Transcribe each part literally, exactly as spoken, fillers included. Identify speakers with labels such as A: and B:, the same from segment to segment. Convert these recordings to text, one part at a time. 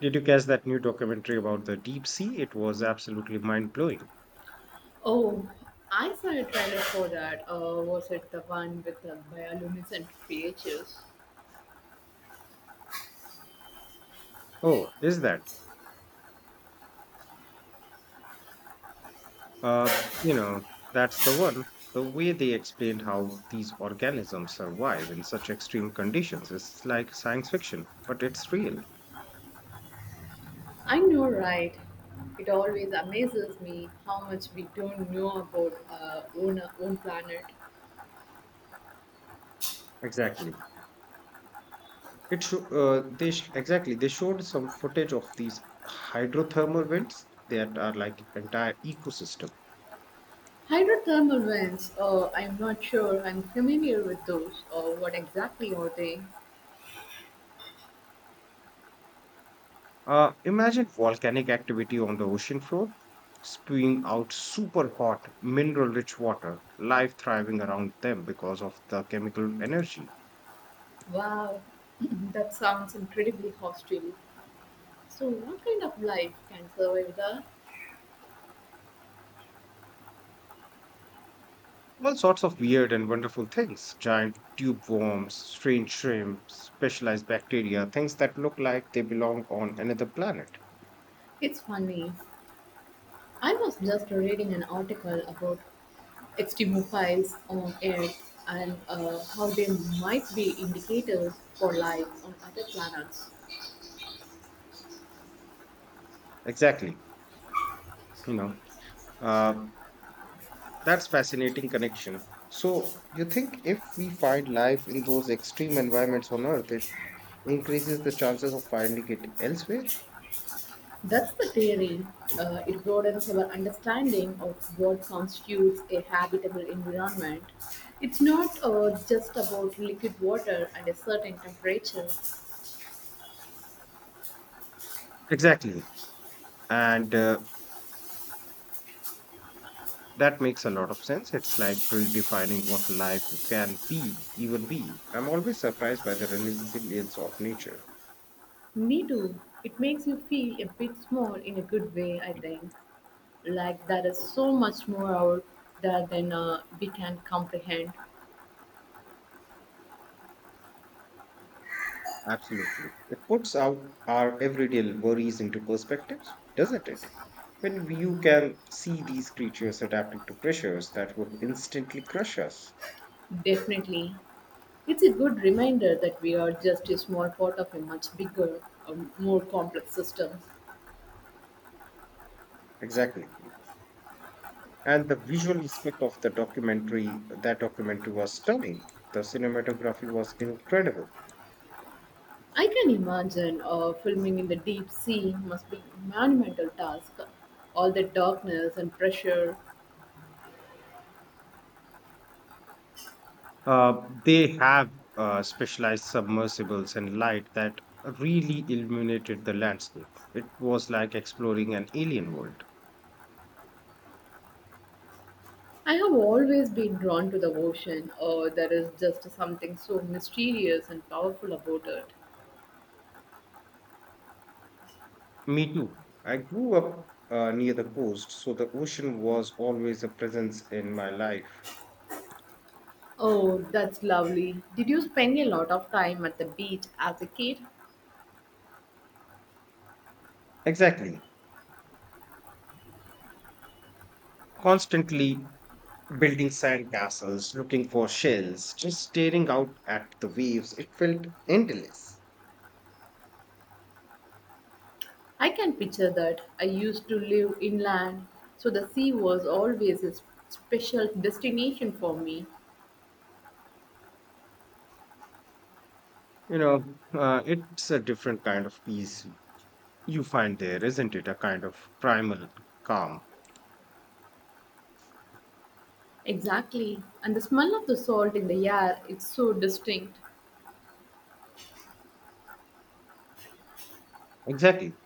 A: Did you catch that new documentary about the deep sea? It was absolutely mind blowing.
B: Oh, I saw a trailer for that. Uh, was it the one with the bioluminescent creatures?
A: Oh, is that? Uh, you know, that's the one. The way they explained how these organisms survive in such extreme conditions is like science fiction, but it's real.
B: I know, right? It always amazes me how much we don't know about our own, own planet.
A: Exactly. It sho- uh, they sh- exactly they showed some footage of these hydrothermal vents that are like entire ecosystem.
B: Hydrothermal vents, uh, I'm not sure I'm familiar with those. Uh, what exactly are they?
A: Uh, imagine volcanic activity on the ocean floor, spewing out super hot, mineral rich water, life thriving around them because of the chemical energy.
B: Wow, that sounds incredibly hostile. So, what kind of life can survive that?
A: All sorts of weird and wonderful things giant tube worms, strange shrimp, specialized bacteria, things that look like they belong on another planet.
B: It's funny. I was just reading an article about H T M L files on Earth, and uh, how they might be indicators for life on other planets.
A: Exactly. You know, uh, that's fascinating connection. So, you think if we find life in those extreme environments on Earth, it increases the chances of finding it elsewhere.
B: That's the theory. Uh, it broadens our understanding of what constitutes a habitable environment. It's not uh, just about liquid water and a certain temperature.
A: Exactly. And uh, That makes a lot of sense. It's like redefining what life can be, even be. I'm always surprised by the resilience of nature.
B: Me too. It makes you feel a bit small in a good way, I think. Like there is so much more out there than uh, we can comprehend.
A: Absolutely. It puts out our everyday worries into perspective, doesn't it? When you can see these creatures adapting to pressures that would instantly crush us.
B: Definitely. It's a good reminder that we are just a small part of a much bigger, um, more complex system.
A: Exactly. And the visual aspect of the documentary, that documentary was stunning. The cinematography was incredible.
B: I can imagine uh, filming in the deep sea must be a monumental task. All the darkness and pressure.
A: Uh, they have uh, specialized submersibles and light that really illuminated the landscape. It was like exploring an alien world.
B: I have always been drawn to the ocean, or there is just something so mysterious and powerful about it.
A: Me too. I grew up uh, near the coast, so the ocean was always a presence in my life.
B: Oh, that's lovely. Did you spend a lot of time at the beach as a kid?
A: Exactly. Constantly building sand castles, looking for shells, just staring out at the waves. It felt endless.
B: I can picture that. I used to live inland, so the sea was always a s- special destination for me.
A: You know, uh, it's a different kind of peace you find there, isn't it? A kind of primal calm.
B: Exactly. And the smell of the salt in the air is so distinct.
A: Exactly.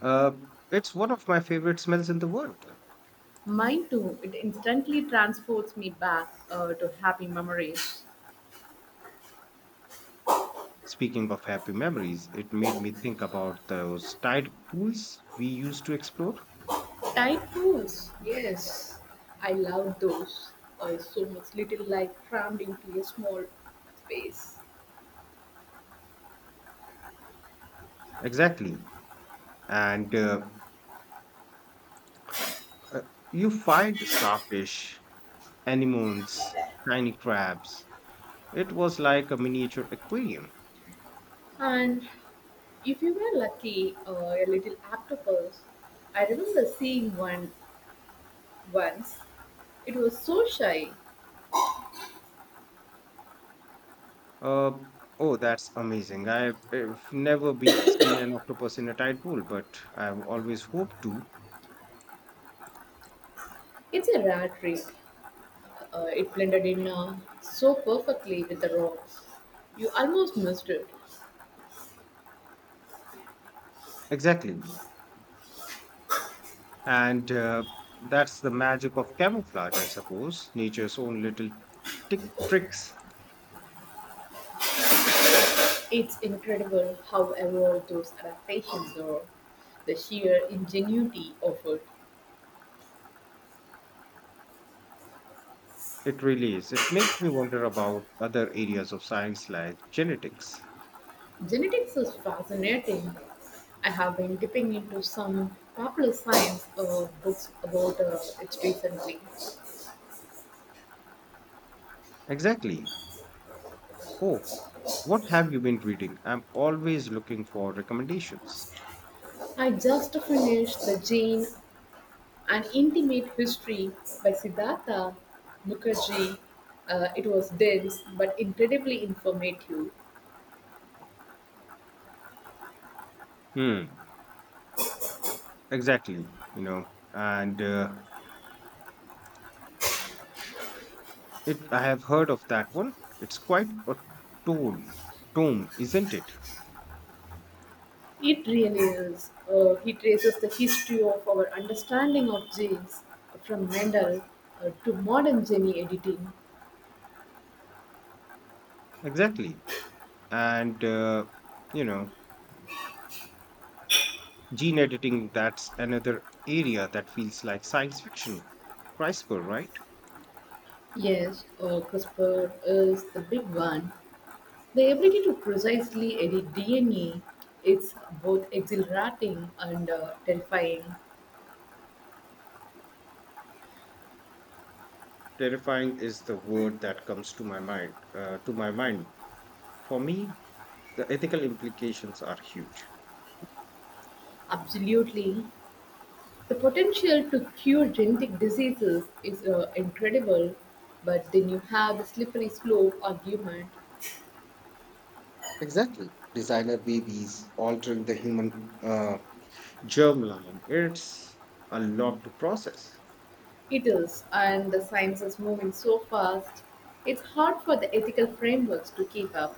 A: Uh, it's one of my favorite smells in the world.
B: Mine too, it instantly transports me back uh, to happy memories.
A: Speaking of happy memories, it made me think about those tide pools we used to explore.
B: Tide pools, yes. I love those. Uh, so much little like crammed into a small space.
A: Exactly. And uh, uh, you find starfish, anemones, tiny crabs. It was like a miniature aquarium.
B: And if you were lucky, uh, a little octopus. I remember seeing one once. It was so shy.
A: Uh, oh, that's amazing. I've, I've never be, seen an octopus in a tide pool, but I've always hoped to.
B: It's a rare trick. Uh, it blended in uh, so perfectly with the rocks. You almost missed it.
A: Exactly. And uh, That's the magic of camouflage, I suppose. Nature's own little tick tricks.
B: It's incredible how evolved those adaptations are. The sheer ingenuity of it.
A: It really is. It makes me wonder about other areas of science like genetics.
B: Genetics is fascinating. I have been dipping into some popular science uh, books about uh, it recently.
A: Exactly. Oh, what have you been reading? I'm always looking for recommendations.
B: I just finished The Jane, An Intimate History by Siddhartha Mukherjee. Uh, it was dense but incredibly informative.
A: Hmm. Exactly. You know, and uh, it. I have heard of that one. It's quite a tome, tome, isn't it?
B: It really is. Uh, he traces the history of our understanding of genes from Mendel uh, to modern gene editing.
A: Exactly. And uh, you know, Gene editing, that's another area that feels like science fiction. CRISPR, right?
B: Yes, uh, CRISPR is the big one. The ability to precisely edit D N A, it's both exhilarating and uh, terrifying.
A: Terrifying is the word that comes to my mind. Uh, to my mind, for me, the ethical implications are huge.
B: Absolutely. The potential to cure genetic diseases is uh, incredible, but then you have the slippery slope argument.
A: Exactly. Designer babies altering the human uh, Germline, it's a lot to process.
B: It is, and the science is moving so fast, it's hard for the ethical frameworks to keep up.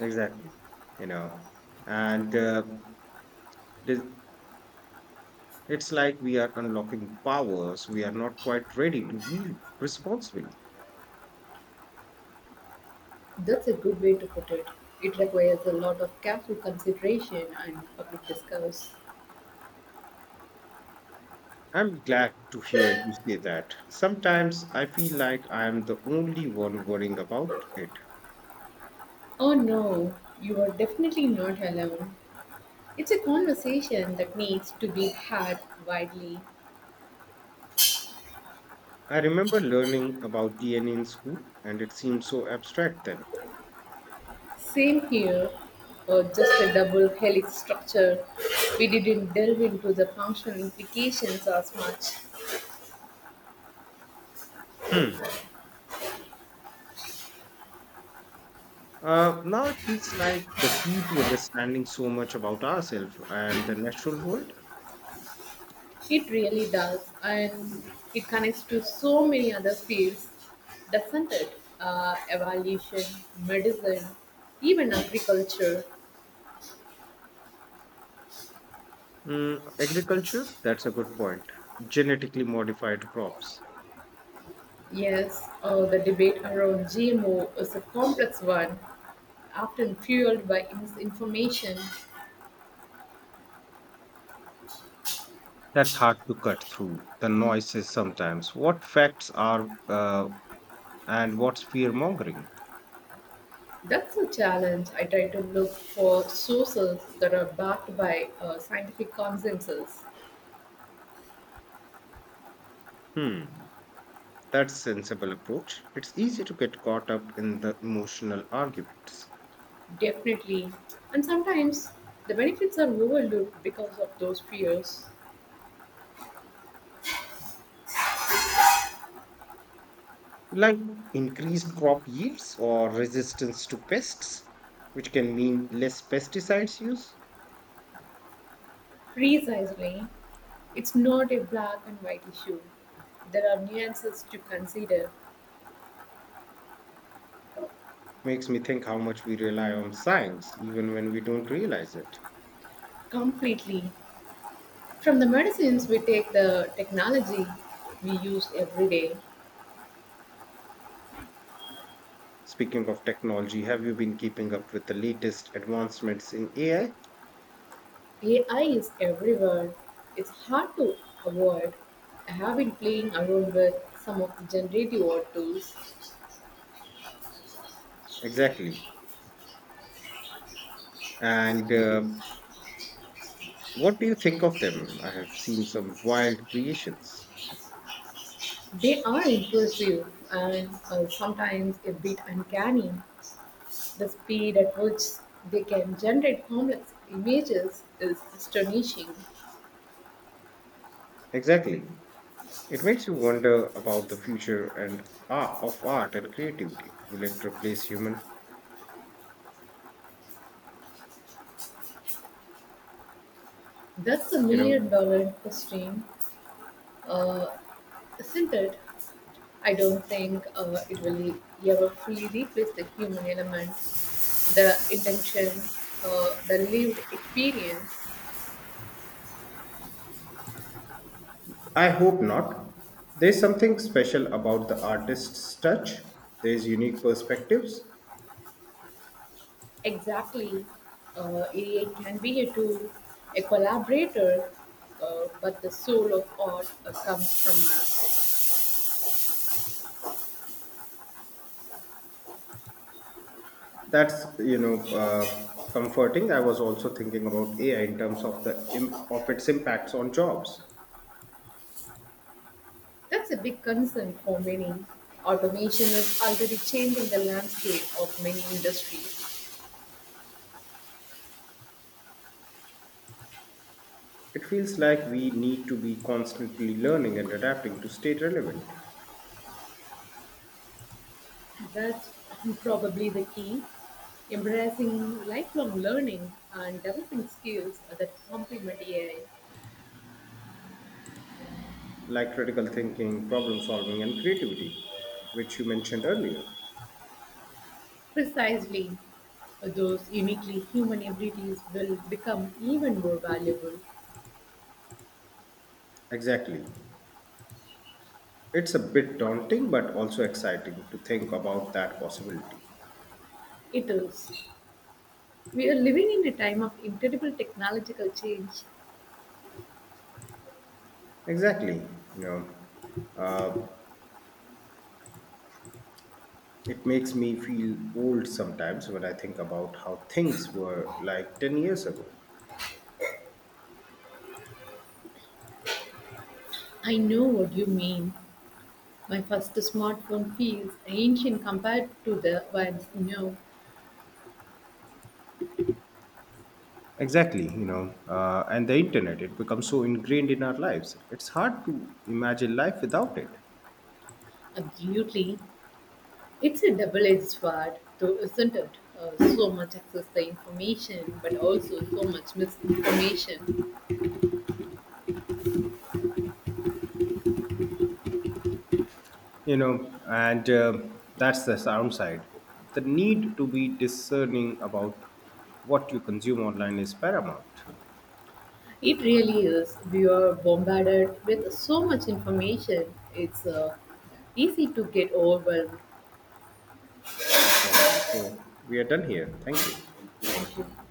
A: Exactly, you know, and uh, this, it's like we are unlocking powers we are not quite ready to wield responsibly.
B: That's a good way to put it. It requires a lot of careful consideration and public discourse.
A: I'm glad to hear you say that. Sometimes I feel like I am the only one worrying about it.
B: Oh no, you are definitely not alone. It's a conversation that needs to be had widely.
A: I remember learning about D N A in school, and it seemed so abstract then.
B: Same here, uh, just a double helix structure. We didn't delve into the functional implications as much.
A: Hmm. Uh, now it feels like the key to understanding so much about ourselves and the natural world.
B: It really does, and it connects to so many other fields, doesn't it? Uh, evolution, medicine, even agriculture.
A: Mm, agriculture, that's a good point. Genetically modified crops.
B: Yes, uh, the debate around G M O is a complex one, often fueled by misinformation.
A: That's hard to cut through the noises sometimes. What facts are uh, and what's fear mongering?
B: That's a challenge. I try to look for sources that are backed by uh, scientific consensus,
A: Hmm, that's sensible approach. It's easy to get caught up in the emotional arguments.
B: definitely. And sometimes the benefits are overlooked because of those fears.
A: Like increased crop yields or resistance to pests, which can mean less pesticides use,
B: Precisely, it's not a black and white issue. There are nuances to consider
A: makes me think how much we rely on science, even when we don't realize it.
B: completely. From the medicines we take, the technology we use every day.
A: Speaking of technology, have you been keeping up with the latest advancements in A I?
B: A I is everywhere. It's hard to avoid. I have been playing around with some of the generative art tools.
A: Exactly. And uh, What do you think of them? I have seen some wild creations.
B: They are impressive and uh, sometimes a bit uncanny. The speed at which they can generate complex images is astonishing.
A: Exactly. It makes you wonder about the future and art of art and creativity. Will it replace human?
B: That's a
A: You
B: million
A: know,
B: dollar question, uh, isn't it? I don't think uh, it will ever fully replace the human element, the intention, uh, the lived experience.
A: I hope not. There's something special about the artist's touch. There's unique perspectives.
B: Exactly. Uh, A I can be a tool, a collaborator, uh, but the soul of art uh, comes from us.
A: That's you know uh, comforting. I was also thinking about A I in terms of the im- of its impacts on jobs.
B: That's a big concern for many. Automation is already changing the landscape of many industries.
A: It feels like we need to be constantly learning and adapting to stay relevant,
B: That's probably the key. Embracing lifelong learning and developing skills that complement A I.
A: like critical thinking, problem solving, and creativity, which you mentioned earlier.
B: Precisely, those uniquely human abilities will become even more valuable.
A: Exactly. It's a bit daunting, but also exciting to think about that possibility.
B: It is. We are living in a time of incredible technological change.
A: Exactly. You know, uh, it makes me feel old sometimes when I think about how things were like ten years ago.
B: I know what you mean. My first smartphone feels ancient compared to the ones now.
A: Exactly. You know, uh, and the internet, it becomes so ingrained in our lives. It's hard to imagine life without it.
B: Absolutely. It's a double-edged sword, though, isn't it? Uh, so much access to information, but also so much misinformation.
A: You know, and uh, That's the sound side. The need to be discerning about what you consume online is paramount.
B: It really is. We are bombarded with so much information. It's uh, easy to get overwhelmed.
A: Exactly. So we are done here. Thank you.
B: Thank you.